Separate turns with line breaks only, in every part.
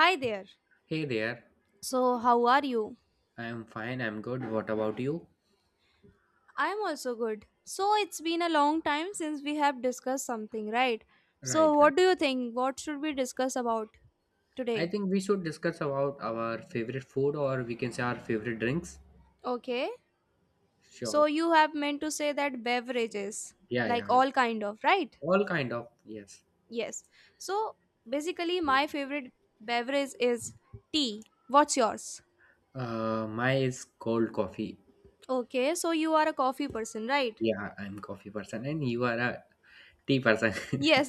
Hi there.
Hey there.
So, how are you?
I'm fine. I'm good. What about you?
I'm also good. So, it's been a long time since we have discussed something, right? So,
Right, right.
what do you think? What should we discuss about
I
today?
think we should discuss about our favorite food, or we can say our favorite drinks.
Okay. So,
Sure.
you have meant to say that beverages,
Yeah,
like
yeah.
all kind of, right?
All kind of, yes.
Yes. So, basically my favorite beverage is tea. What's yours?
Mine is cold coffee.
Okay, so you are a coffee person, right?
Yeah, I'm coffee person and you are a tea person.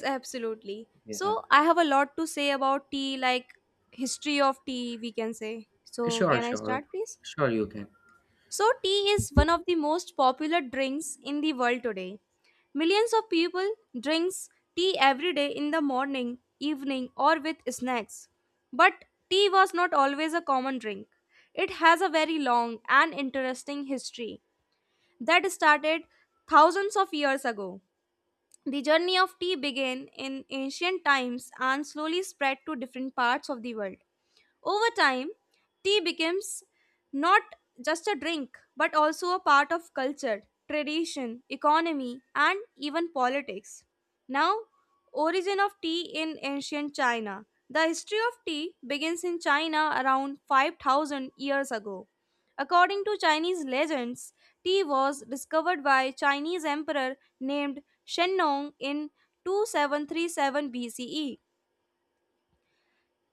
absolutely.
Yeah.
So I have a lot to say about tea, like history of tea, we can say. So
Sure,
can I
sure.
start, please?
Sure, you can.
So tea is one of the most popular drinks in the world today. Millions of people drinks tea every day in the morning, evening, or with snacks. But tea was not always a common drink. It has a very long and interesting history that started thousands of years ago. The journey of tea began in ancient times and slowly spread to different parts of the world. Over time, tea becomes not just a drink but also a part of culture, tradition, economy, and even politics. Now, origin of tea in ancient China. The history of tea begins in China around 5,000 years ago. According to Chinese legends, tea was discovered by Chinese emperor named Shennong in 2737 BCE.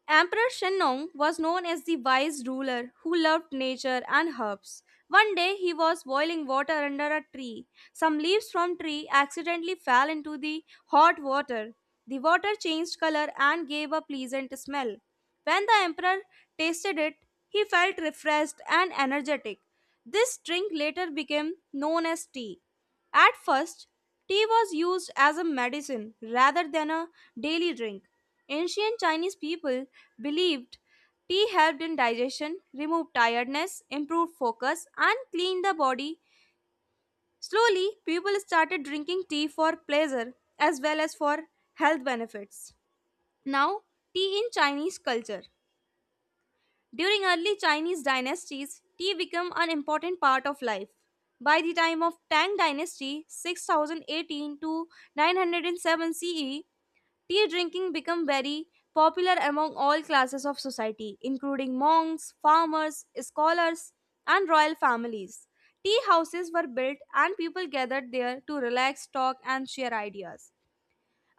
Emperor Shennong was known as the wise ruler who loved nature and herbs. One day he was boiling water under a tree. Some leaves from tree accidentally fell into the hot water. The water changed color and gave a pleasant smell. When the emperor tasted it, he felt refreshed and energetic. This drink later became known as tea. At first, tea was used as a medicine rather than a daily drink. Ancient Chinese people believed tea helped in digestion, removed tiredness, improved focus, and cleaned the body. Slowly, people started drinking tea for pleasure as well as for health benefits. Now, tea in Chinese culture. During early Chinese dynasties, tea became an important part of life. By the time of Tang dynasty, 6018 to 907 CE, tea drinking became very popular among all classes of society, including monks, farmers, scholars, and royal families. Tea houses were built and people gathered there to relax, talk, and share ideas.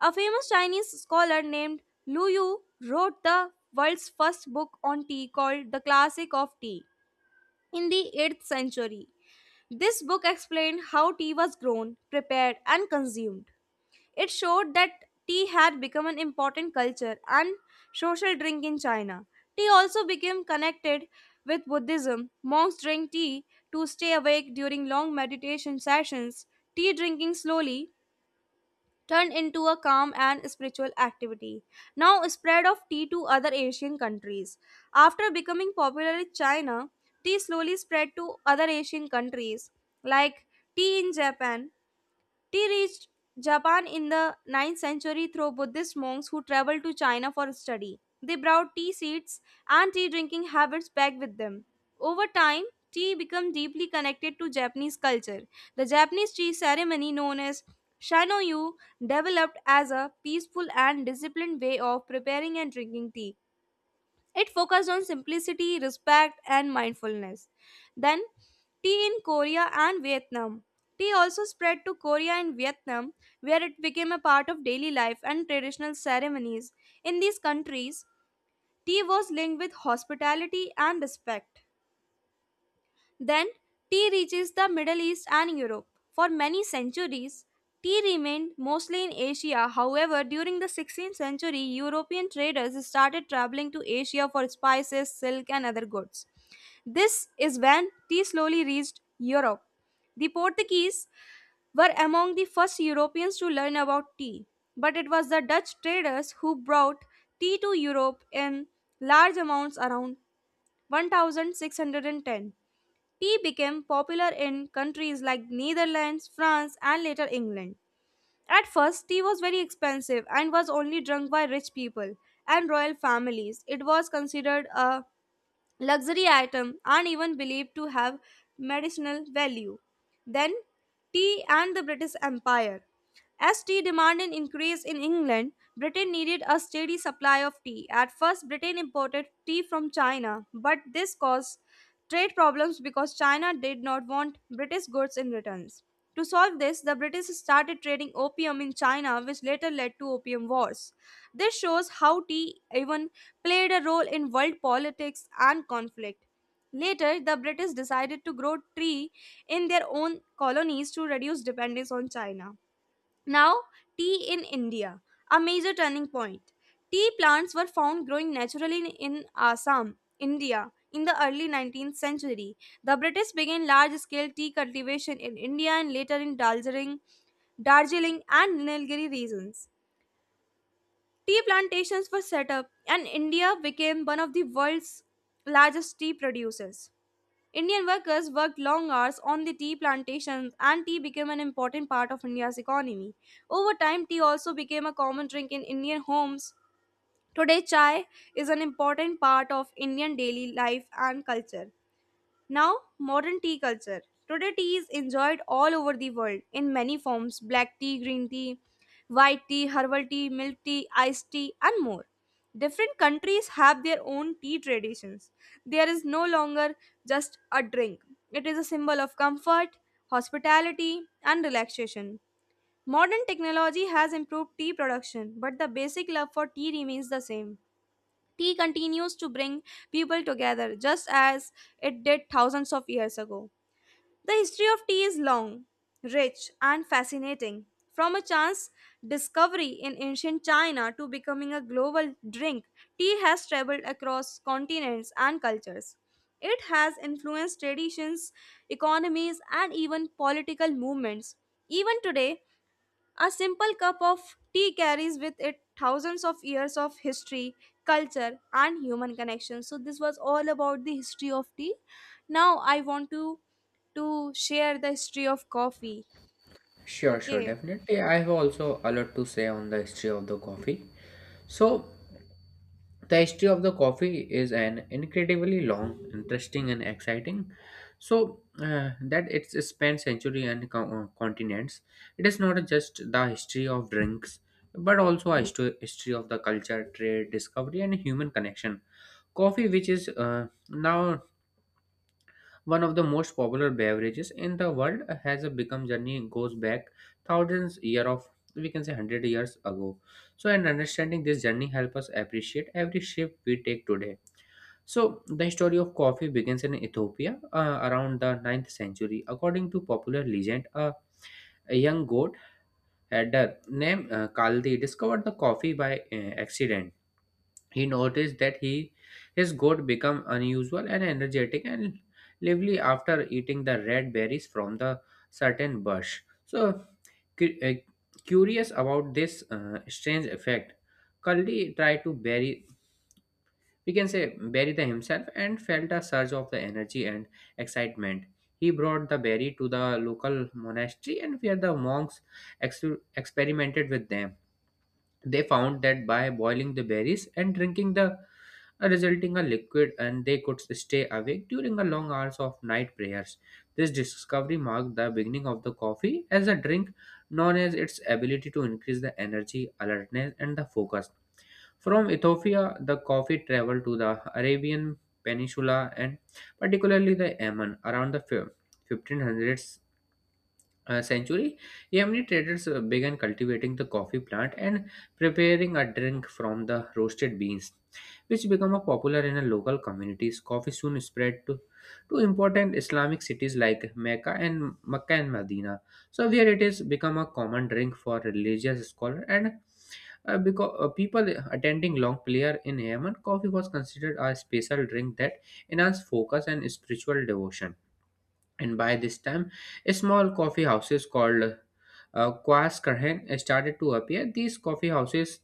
A famous Chinese scholar named Lu Yu wrote the world's first book on tea called The Classic of Tea in the 8th century. This book explained how tea was grown, prepared, and consumed. It showed that tea had become an important culture and social drink in China. Tea also became connected with Buddhism. Monks drink tea to stay awake during long meditation sessions. Tea drinking slowly turned into a calm and spiritual activity, now spread of tea to other Asian countries. After becoming popular in China, tea slowly spread to other Asian countries like tea in Japan. Tea reached Japan in the ninth century through Buddhist monks who traveled to China for study. They brought tea seeds and tea drinking habits back with them. Over time, tea became deeply connected to Japanese culture. The Japanese tea ceremony known as Shanoyu developed as a peaceful and disciplined way of preparing and drinking tea. It focused on simplicity, respect, and mindfulness. Then, tea in Korea and Vietnam. Tea also spread to Korea and Vietnam, where it became a part of daily life and traditional ceremonies. In these countries, tea was linked with hospitality and respect. Then tea reaches the Middle East and Europe. For many centuries, tea remained mostly in Asia. However, during the 16th century, European traders started traveling to Asia for spices, silk, and other goods. This is when tea slowly reached Europe. The Portuguese were among the first Europeans to learn about tea, but it was the Dutch traders who brought tea to Europe in large amounts around 1610. Tea became popular in countries like Netherlands, France, and later England. At first, tea was very expensive and was only drunk by rich people and royal families. It was considered a luxury items are even believed to have medicinal value. Then, tea and the British Empire. As tea demand increased in England, Britain needed a steady supply of tea. At first, Britain imported tea from China, but this caused trade problems because China did not want British goods in returns. To solve this, the British started trading opium in China, which later led to opium wars. This shows how tea even played a role in world politics and conflict. Later, the British decided to grow tea in their own colonies to reduce dependence on China. Now, tea in India, a major turning point. Tea plants were found growing naturally in Assam, India, in the early 19th century. The British began large scale tea cultivation in India and later in Darjeeling, and Nilgiri regions. Tea plantations were set up, and India became one of the world's largest tea producers. Indian workers worked long hours on the tea plantations, and tea became an important part of India's economy. Over time, tea also became a common drink in Indian homes. Today, chai is an important part of Indian daily life and culture. Now, modern tea culture. Today, tea is enjoyed all over the world in many forms black tea, green tea, white tea, herbal tea, milk tea, iced tea, and more. Different countries have their own tea traditions. There is no longer just a drink, it is a symbol of comfort, hospitality, and relaxation. Modern technology has improved tea production, but the basic love for tea remains the same. Tea continues to bring people together just as it did thousands of years ago. The history of tea is long, rich, and fascinating. From a chance discovery in ancient China to becoming a global drink, tea has traveled across continents and cultures. It has influenced traditions, economies, and even political movements. Even today, a simple cup of tea carries with it thousands of years of history, culture, and human connection. So this was all about the history of tea. Now I want to share the history of coffee.
Sure, sure,
Okay.
definitely. I have also a lot to say on the history of the coffee. So, the history of the coffee is an incredibly long, interesting, and exciting. So that it's spanned century and continents. It is not just the history of drinks, but also a history of the culture, trade, discovery, and human connection. Coffee, which is now one of the most popular beverages in the world, has become journey goes back thousands year of we can say 100 years ago. So, and understanding this journey help us appreciate every shape we take today. So the story of coffee begins in Ethiopia around the ninth century. According to popular legend, a young goat herder named Kaldi discovered the coffee by accident. He noticed that he his goat became unusual and energetic and lively after eating the red berries from the certain bush. So, cu- uh, curious about this strange effect, Kaldi tried to bury, we can say Barida himself, and felt a surge of the energy and excitement. He brought the berry to the local monastery and where the monks ex- experimented with them. They found that by boiling the berries and drinking the resulting a liquid and they could stay awake during the long hours of night prayers. This discovery marked the beginning of the coffee as a drink known as its ability to increase the energy, alertness, and the focus. From Ethiopia, the coffee traveled to the Arabian Peninsula and particularly the Yemen around the 1500s century. Yemeni traders began cultivating the coffee plant and preparing a drink from the roasted beans, which became a popular in the local communities. Coffee soon spread to important Islamic cities like Mecca and Medina. So, where it is become a common drink for religious scholars and because people attending long prayer in Yemen, coffee was considered a special drink that enhanced focus and spiritual devotion. And by this time, small coffee houses called Kwas Karhen started to appear. These coffee houses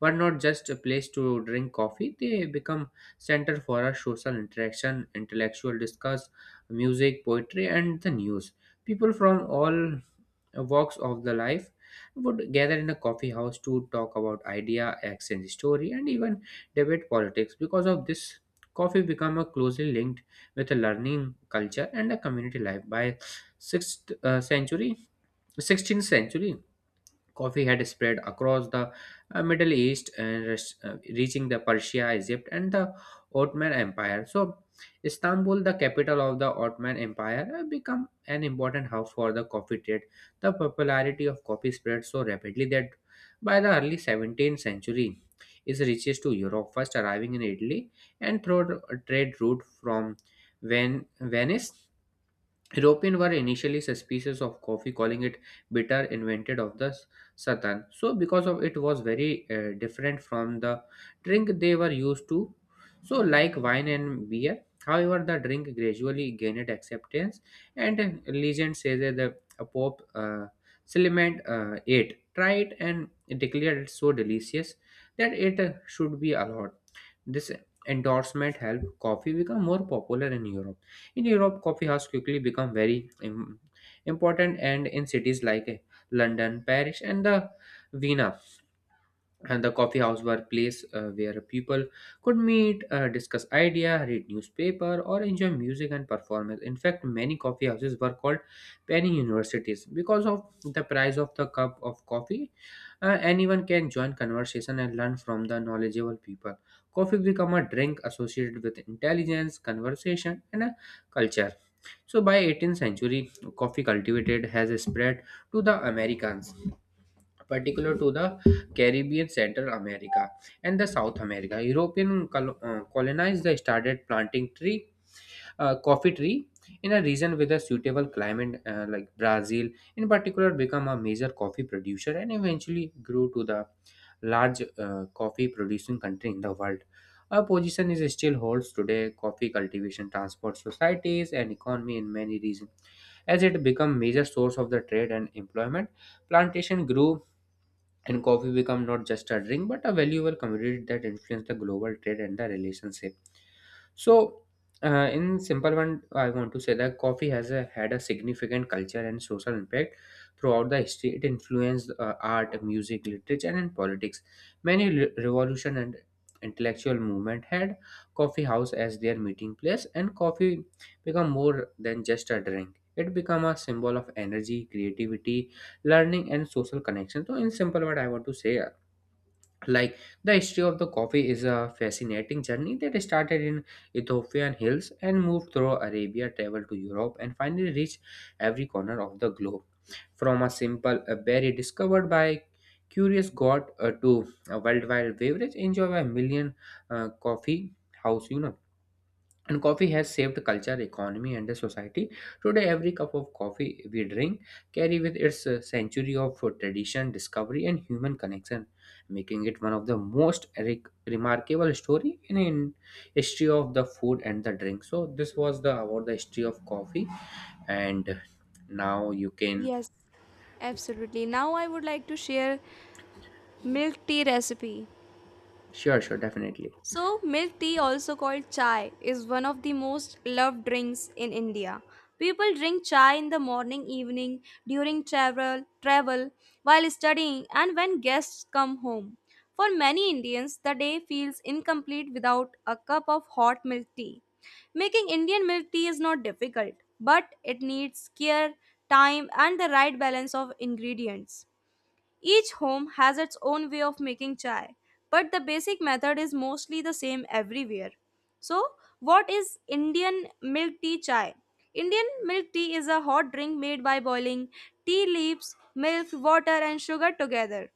were not just a place to drink coffee; they become center for a social interaction, intellectual discuss, music, poetry, and the news. People from all walks of the life would gather in a coffee house to talk about idea, exchange story, and even debate politics. Because of this, coffee become a closely linked with a learning culture and a community life. By sixth uh, century, 16th century, coffee had spread across the Middle East and reaching the Persia, Egypt, and the Ottoman Empire. So Istanbul, the capital of the Ottoman Empire, became an important hub for the coffee trade. The popularity of coffee spread so rapidly that by the early 17th century, it reaches to Europe, first arriving in Italy and through a trade route from Venice. Europeans were initially suspicious of coffee, calling it bitter invented of the Satan. So because of it was very different from the drink they were used to, so like wine and beer. However, the drink gradually gained acceptance, and legend says that the Pope Clement ate, tried, and declared it so delicious that it should be allowed. This endorsement helped coffee become more popular in Europe. In Europe, coffee has quickly become very important, and in cities like London, Paris, and the Vienna, and the coffee house were a place where people could meet, discuss idea, read newspaper, or enjoy music and performance. In fact, many coffee houses were called penny universities, because of the price of the cup of coffee, anyone can join conversation and learn from the knowledgeable people. Coffee become a drink associated with intelligence conversation and a culture. So by 18th century, coffee cultivated has spread to the americans, particular to the Caribbean, Central America, and the South America. European colonized, they started planting tree, coffee tree, in a region with a suitable climate, like Brazil in particular become a major coffee producer and eventually grew to the large coffee producing country in the world. Our position is still holds today. Coffee cultivation transport societies and economy in many regions as it become major source of the trade and employment. Plantation grew and coffee become not just a drink but a valuable commodity that influenced the global trade and the relationship. So in simple one, I want to say that coffee has had a significant culture and social impact throughout the history. It influenced art, music, literature, and politics. Many revolution and intellectual movement had coffee house as their meeting place, and coffee become more than just a drink. It become a symbol of energy, creativity, learning, and social connection. So in simple word, I want to say like, the history of the coffee is a fascinating journey that started in ethiopian hills and moved through arabia, traveled to europe, and finally reached every corner of the globe. From a simple berry discovered by curious god to a worldwide beverage enjoyed by a million, coffee house, and coffee has saved culture, economy, and the society. Today, every cup of coffee we drink carry with its century of tradition, discovery, and human connection, making it one of the most remarkable story in history of the food and the drink. So this was the about the history of coffee, and now you can.
Yes, absolutely. Now I would like to share milk tea recipe.
Sure, sure, definitely.
So, milk tea, also called chai, is one of the most loved drinks in India. People drink chai in the morning, evening, during travel, while studying, and when guests come home. For many Indians, the day feels incomplete without a cup of hot milk tea. Making Indian milk tea is not difficult, but it needs care, time, and the right balance of ingredients. Each home has its own way of making chai, but the basic method is mostly the same everywhere. So, what is Indian milk tea chai? Indian milk tea is a hot drink made by boiling tea leaves, milk, water, and sugar together.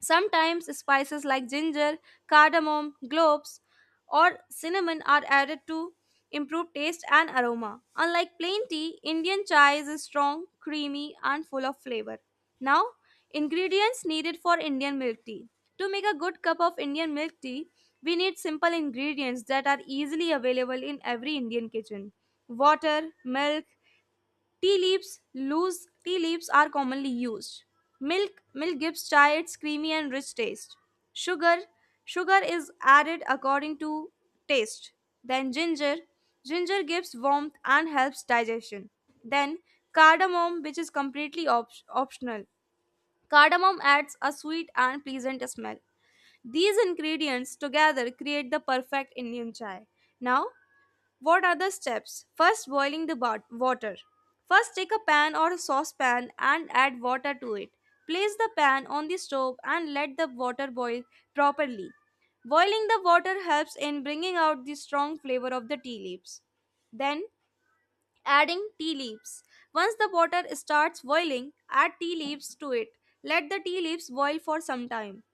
Sometimes spices like ginger, cardamom, cloves, or cinnamon are added to improve taste and aroma. Unlike plain tea, Indian chai is strong, creamy, and full of flavor. Now, ingredients needed for Indian milk tea. To make a good cup of Indian milk tea, we need simple ingredients that are easily available in every Indian kitchen: water, milk, tea leaves. Loose tea leaves are commonly used. Milk, milk gives chai its creamy and rich taste. Sugar, sugar is added according to taste. Then ginger, ginger gives warmth and helps digestion. Then cardamom, which is completely optional. Cardamom adds a sweet and pleasant smell. These ingredients together create the perfect Indian chai. Now, what are the steps? First, boiling the water. First, take a pan or a saucepan and add water to it. Place the pan on the stove and let the water boil properly. Boiling the water helps in bringing out the strong flavor of the tea leaves. Then, adding tea leaves. Once the water starts boiling, add tea leaves to it. Let the tea leaves boil for some time.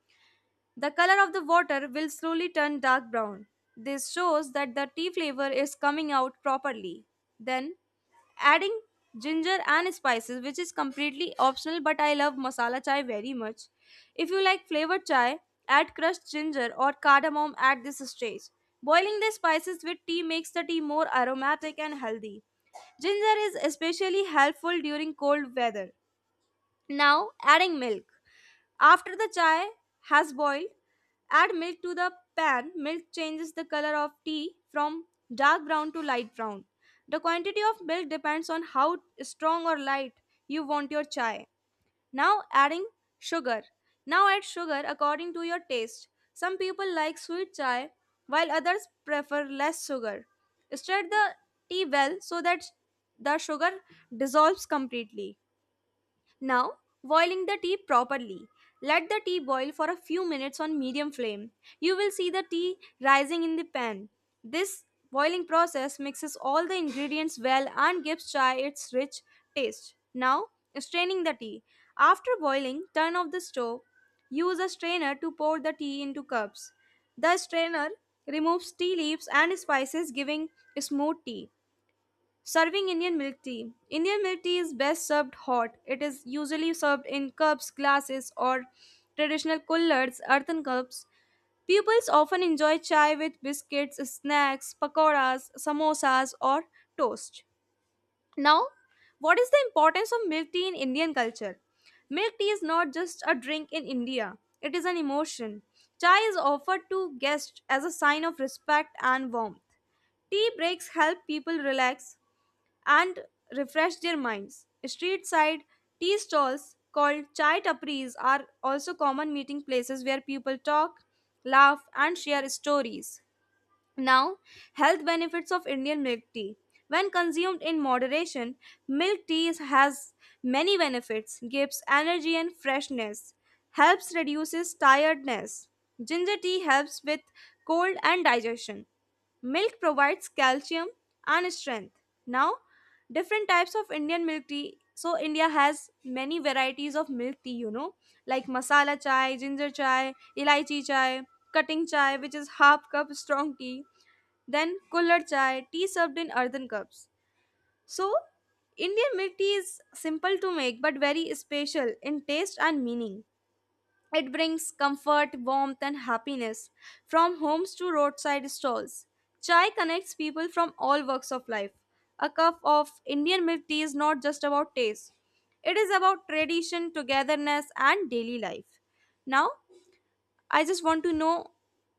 The color of the water will slowly turn dark brown. This shows that the tea flavor is coming out properly. Then adding ginger and spices, which is completely optional, but I love masala chai very much. If you like flavored chai, add crushed ginger or cardamom at this stage. Boiling the spices with tea makes the tea more aromatic and healthy. Ginger is especially helpful during cold weather. Now, adding milk. After the chai has boiled, add milk to the pan. Milk changes the color of tea from dark brown to light brown. The quantity of milk depends on how strong or light you want your chai. Now adding sugar. Now add sugar according to your taste. Some people like sweet chai while others prefer less sugar. Stir the tea well so that the sugar dissolves completely. Now, boiling the tea properly. Let the tea boil for a few minutes on medium flame. You will see the tea rising in the pan. This boiling process mixes all the ingredients well and gives chai its rich taste. Now, straining the tea. After boiling, turn off the stove. Use a strainer to pour the tea into cups. The strainer removes tea leaves and spices, giving smooth tea. Serving Indian milk tea. Indian milk tea is best served hot. It is usually served in cups, glasses, or traditional coolers, earthen cups. Pupils often enjoy chai with biscuits, snacks, pakoras, samosas, or toast. Now, what is the importance of milk tea in Indian culture? Milk tea is not just a drink in India, it is an emotion. Chai is offered to guests as a sign of respect and warmth. Tea breaks help people relax, and refresh their minds. Street side tea stalls called chai tapris are also common meeting places where people talk, laugh, and share stories. Now, health benefits of Indian milk tea. When consumed in moderation, milk tea has many benefits, gives energy and freshness, helps reduces tiredness. Ginger tea helps with cold and digestion. Milk provides calcium and strength. Now, different types of Indian milk tea. So, India has many varieties of milk tea, you know, like masala chai, ginger chai, elaichi chai, cutting chai, which is half cup strong tea, then kullad chai, tea served in earthen cups. So, Indian milk tea is simple to make but very special in taste and meaning. It brings comfort, warmth, and happiness from homes to roadside stalls. Chai connects people from all walks of life. A cup of Indian milk tea is not just about taste, it is about tradition, togetherness, and daily life. Now, I just want to know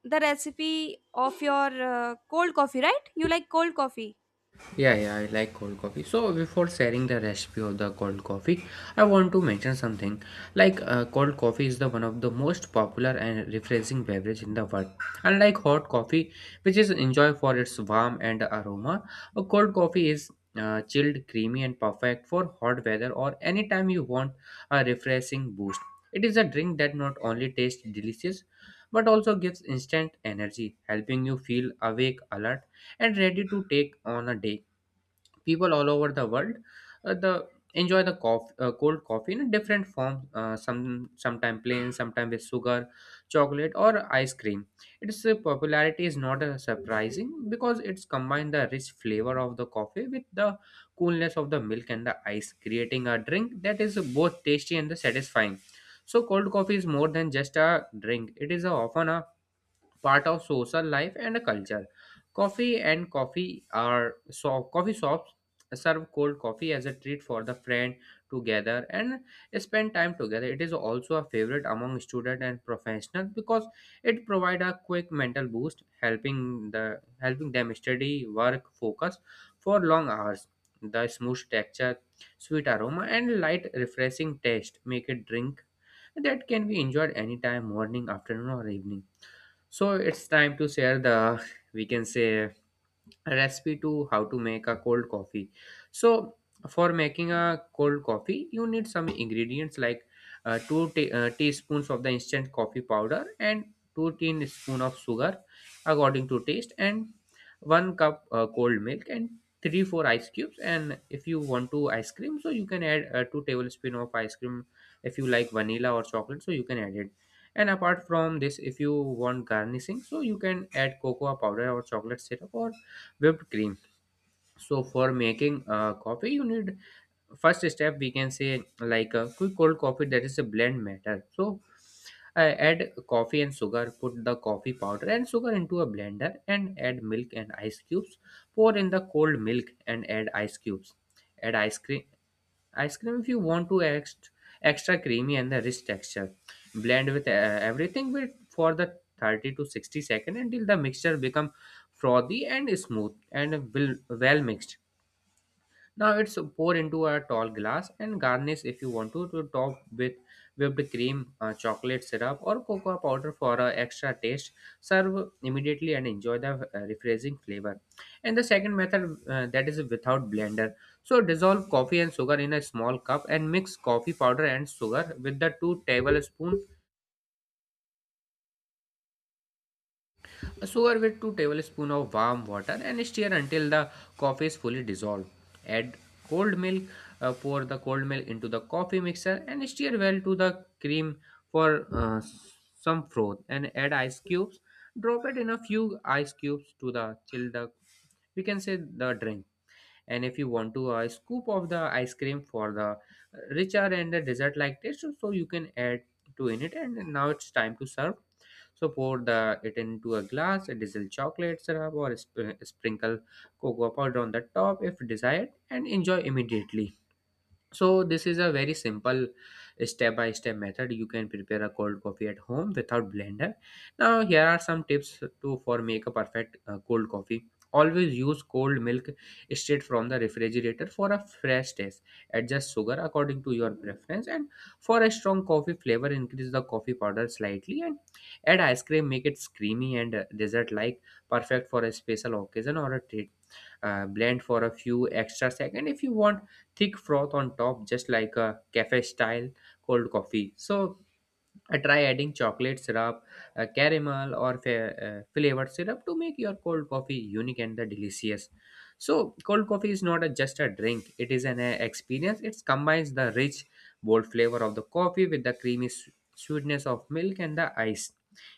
the recipe of your cold coffee, right? You like cold coffee?
Yeah, yeah, I like cold coffee. So before sharing the recipe of the cold coffee, I want to mention something. Like cold coffee is the one of the most popular and refreshing beverage in the world. Unlike hot coffee, which is enjoyed for its warm and aroma, a cold coffee is chilled, creamy, and perfect for hot weather or anytime you want a refreshing boost. It is a drink that not only tastes delicious but also gives instant energy, helping you feel awake, alert, and ready to take on a day. People all over the world, the enjoy the coffee, cold coffee in a different form. Uh, some sometime plain, sometime with sugar, chocolate, or ice cream. Its popularity is not surprising because it's combined the rich flavor of the coffee with the coolness of the milk and the ice, creating a drink that is both tasty and satisfying. So cold coffee is more than just a drink. It is often a part of social life and a culture. Coffee and coffee are so coffee shops serve cold coffee as a treat for the friend together and spend time together. It is also a favorite among student and professionals because it provide a quick mental boost, helping them study, work, focus for long hours. The smooth texture, sweet aroma, and light refreshing taste make it drink that can be enjoyed anytime, morning, afternoon, or evening. So it's time to share the, we can say, a recipe to how to make a cold coffee. So for making a cold coffee you need some ingredients like 2 teaspoons of the instant coffee powder, and 2 teaspoon of sugar according to taste, and 1 cup cold milk, and 3 4 ice cubes. And if you want to ice cream, so you can add 2 tablespoon of ice cream, if you like vanilla or chocolate, so you can add it. And apart from this, if you want garnishing, so you can add cocoa powder or chocolate syrup or whipped cream. So for making coffee you need, first step we can say, like a quick cold coffee, that is a blend matter. So add coffee and sugar, put the coffee powder and sugar into a blender, and add milk and ice cubes. Pour in the cold milk and add ice cubes. Add ice cream, ice cream, if you want to extra, extra creamy and the rich texture. Blend with everything with for the 30 to 60 second until the mixture become frothy and smooth and will well mixed. Now it's poured into a tall glass and garnish, if you want to top with whipped cream, chocolate syrup, or cocoa powder for extra taste. Serve immediately and enjoy the refreshing flavor. And the second method that is without blender. So dissolve coffee and sugar in a small cup and mix coffee powder and sugar with the two tablespoons. Stir with 2 tablespoons of warm water and stir until the coffee is fully dissolved. Add cold milk. Pour the cold milk into the coffee mixer and stir well to the cream for some froth and add ice cubes. Drop it in a few ice cubes to the chill the, we can say, the drink. And if you want to, a scoop of the ice cream for the richer and the dessert like taste, so you can add to in it. And now it's time to serve, so pour the it into a glass, drizzle chocolate syrup or sprinkle cocoa powder on the top if desired, and enjoy immediately. So this is a very simple step-by-step method. You can prepare a cold coffee at home without blender. Now here are some tips to for make a perfect cold coffee. Always use cold milk straight from the refrigerator for a fresh taste. Adjust sugar according to your preference, and for a strong coffee flavor increase the coffee powder slightly, and add ice cream make it creamy and dessert like, perfect for a special occasion or a treat. Blend for a few extra seconds if you want thick froth on top just like a cafe style cold coffee. So try adding chocolate syrup, caramel, or flavored syrup to make your cold coffee unique and the delicious. So, cold coffee is not a, just a drink; it is an experience. It combines the rich, bold flavor of the coffee with the creamy sweetness of milk and the ice,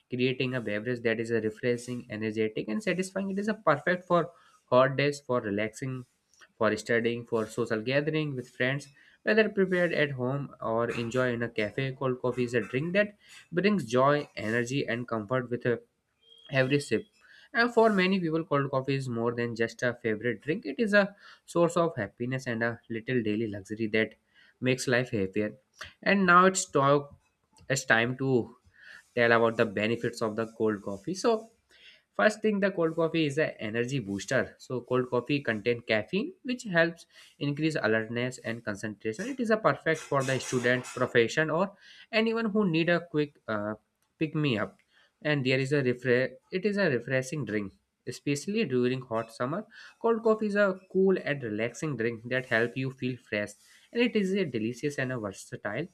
creating a beverage that is refreshing, energetic, and satisfying. It is a perfect for hot days, for relaxing, for studying, for social gathering with friends, whether prepared at home or enjoyed in a cafe. Cold coffee is a drink that brings joy, energy, and comfort with a every sip. And for many people, cold coffee is more than just a favorite drink. It is a source of happiness and a little daily luxury that makes life happier. And now it's talk. It's time to tell about the benefits of the cold coffee. So first thing, the cold coffee is an energy booster. So cold coffee contain caffeine, which helps increase alertness and concentration. It is a perfect for the student profession or anyone who need a quick pick me up. And there is a it is a refreshing drink, especially during hot summer. Cold coffee is a cool and relaxing drink that help you feel fresh, and it is a delicious and a versatile.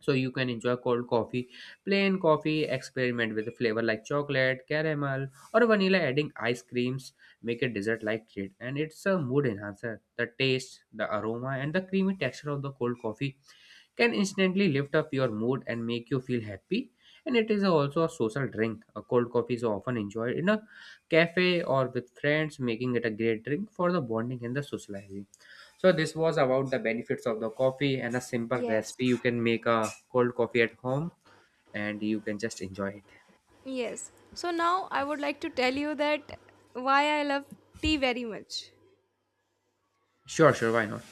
So you can enjoy cold coffee, plain coffee, experiment with a flavor like chocolate, caramel, or vanilla. Adding ice creams make a dessert like treat. And it's a mood enhancer. The taste, the aroma, and the creamy texture of the cold coffee can instantly lift up your mood and make you feel happy. And it is also a social drink. A cold coffee is often enjoyed in a cafe or with friends, making it a great drink for the bonding and the socializing. So this was about the benefits of the coffee and a simple
Yes.
recipe. You can make a cold coffee at home and you can just enjoy it.
Yes. So, now I would like to tell you that why I love tea very much.
Sure, sure, why not?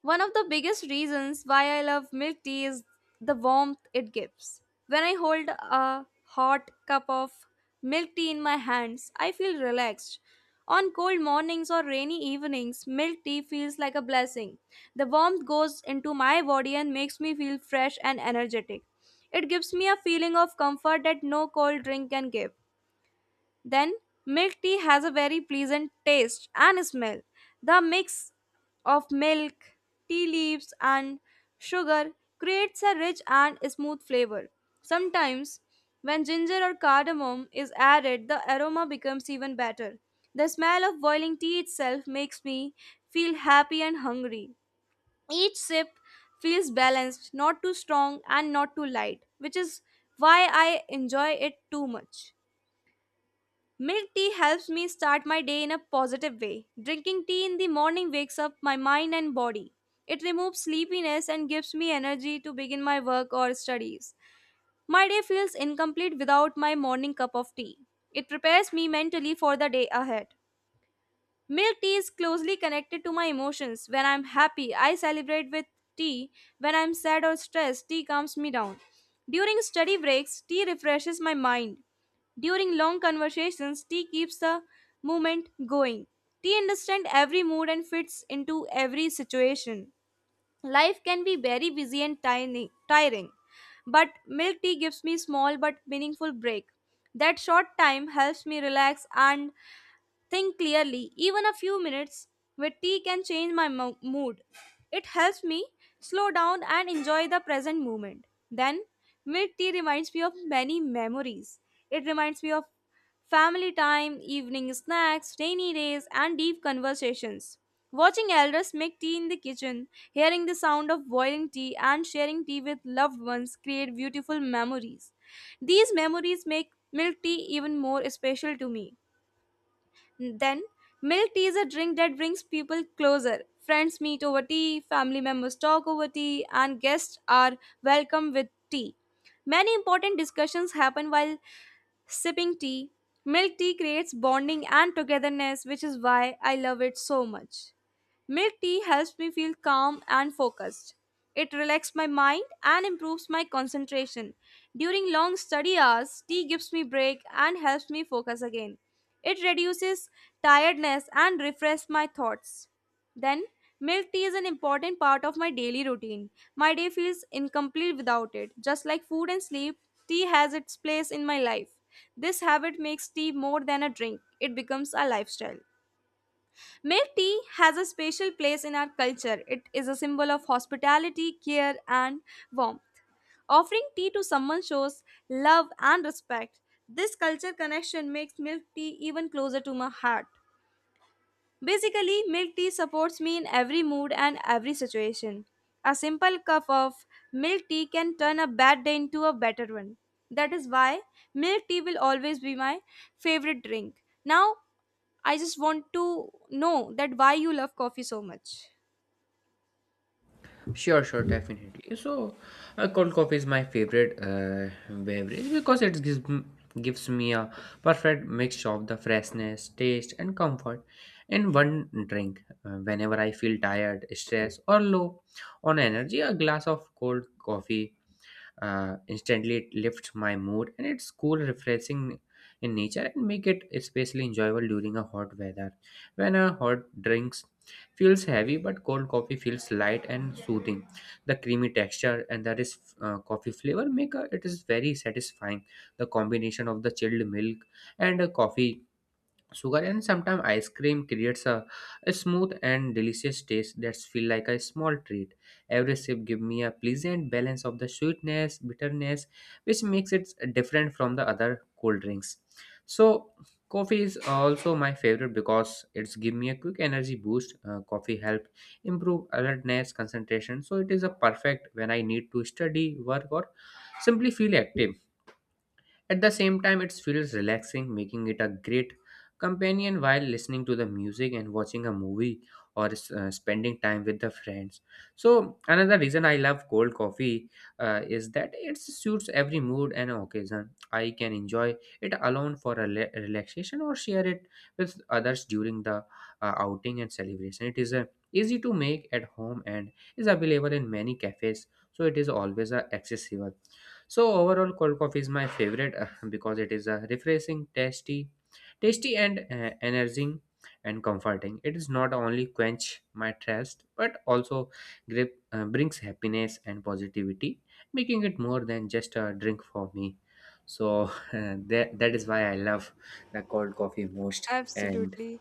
One of the biggest reasons why I love milk tea is the warmth it gives. When I hold a hot cup of milk tea in my hands, I feel relaxed. On cold mornings or rainy evenings, milk tea feels like a blessing. The warmth goes into my body and makes me feel fresh and energetic. It gives me a feeling of comfort that no cold drink can give. Then, milk tea has a very pleasant taste and smell. The mix of milk, tea leaves, and sugar creates a rich and smooth flavor. Sometimes, when ginger or cardamom is added, the aroma becomes even better. The smell of boiling tea itself makes me feel happy and hungry. Each sip feels balanced, not too strong and not too light, which is why I enjoy it too much. Milk tea helps me start my day in a positive way. Drinking tea in the morning wakes up my mind and body. It removes sleepiness and gives me energy to begin my work or studies. My day feels incomplete without my morning cup of tea. It prepares me mentally for the day ahead. Milk tea is closely connected to my emotions. When I'm happy, I celebrate with tea. When I'm sad or stressed, tea calms me down. During study breaks, tea refreshes my mind. During long conversations, tea keeps the movement going. Tea understands every mood and fits into every situation. Life can be very busy and tiring, but milk tea gives me small but meaningful break. That short time helps me relax and think clearly. Even a few minutes with tea can change my mood. It helps me slow down and enjoy the present moment. Then, mid tea reminds me of many memories. It reminds me of family time, evening snacks, rainy days, and deep conversations. Watching elders make tea in the kitchen, hearing the sound of boiling tea, and sharing tea with loved ones create beautiful memories. These memories make milk tea even more special to me. Then, milk tea is a drink that brings people closer. Friends meet over tea, family members talk over tea, and guests are welcome with tea. Many important discussions happen while sipping tea. Milk tea creates bonding and togetherness, which is why I love it so much. Milk tea helps me feel calm and focused. It relaxes my mind and improves my concentration. During long study hours, tea gives me break and helps me focus again. It reduces tiredness and refreshes my thoughts. Then, milk tea is an important part of my daily routine. My day feels incomplete without it. Just like food and sleep, tea has its place in my life. This habit makes tea more than a drink, it becomes a lifestyle. Milk tea has a special place in our culture. It is a symbol of hospitality, care, and warmth. Offering tea to someone shows love and respect. This culture connection makes milk tea even closer to my heart. Basically, milk tea supports me in every mood and every situation. A simple cup of milk tea can turn a bad day into a better one. That is why milk tea will always be my favorite drink. Now, I just want to know that why you love coffee so much.
Sure, sure, definitely. So, cold coffee is my favorite beverage because it gives me a perfect mix of the freshness, taste, and comfort in one drink. Whenever I feel tired, stressed, or low on energy, a glass of cold coffee instantly it lifts my mood. And it's cool refreshing in nature and make it especially enjoyable during a hot weather, when a hot drinks feels heavy but cold coffee feels light and soothing. The creamy texture and that is coffee flavor make a, it is very satisfying. The combination of the chilled milk and coffee sugar and sometimes ice cream creates a smooth and delicious taste that feels like a small treat. Every sip gives me a pleasant balance of the sweetness, bitterness, which makes it different from the other cold drinks. So coffee is also my favorite because it's give me a quick energy boost. Coffee help improve alertness, concentration. So it is a perfect when I need to study, work, or simply feel active. At the same time, it feels relaxing, making it a great companion while listening to the music and watching a movie or spending time with the friends. So another reason I love cold coffee is that it suits every mood and occasion. I can enjoy it alone for a relaxation or share it with others during the outing and celebration. It is easy to make at home and is available in many cafes, so it is always accessible. So overall, cold coffee is my favorite because it is refreshing, tasty and energizing and comforting. It is not only quench my thirst but also brings happiness and positivity, making it more than just a drink for me. So that is why I love the cold coffee most. And
Absolutely.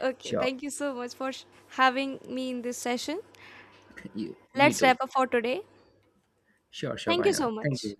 Okay,
sure,
thank you so much for having me in this session.
you, me
Let's
too.
wrap up for today.
Sure, sure,
Thank
why
you so
not? Thank
much.
you.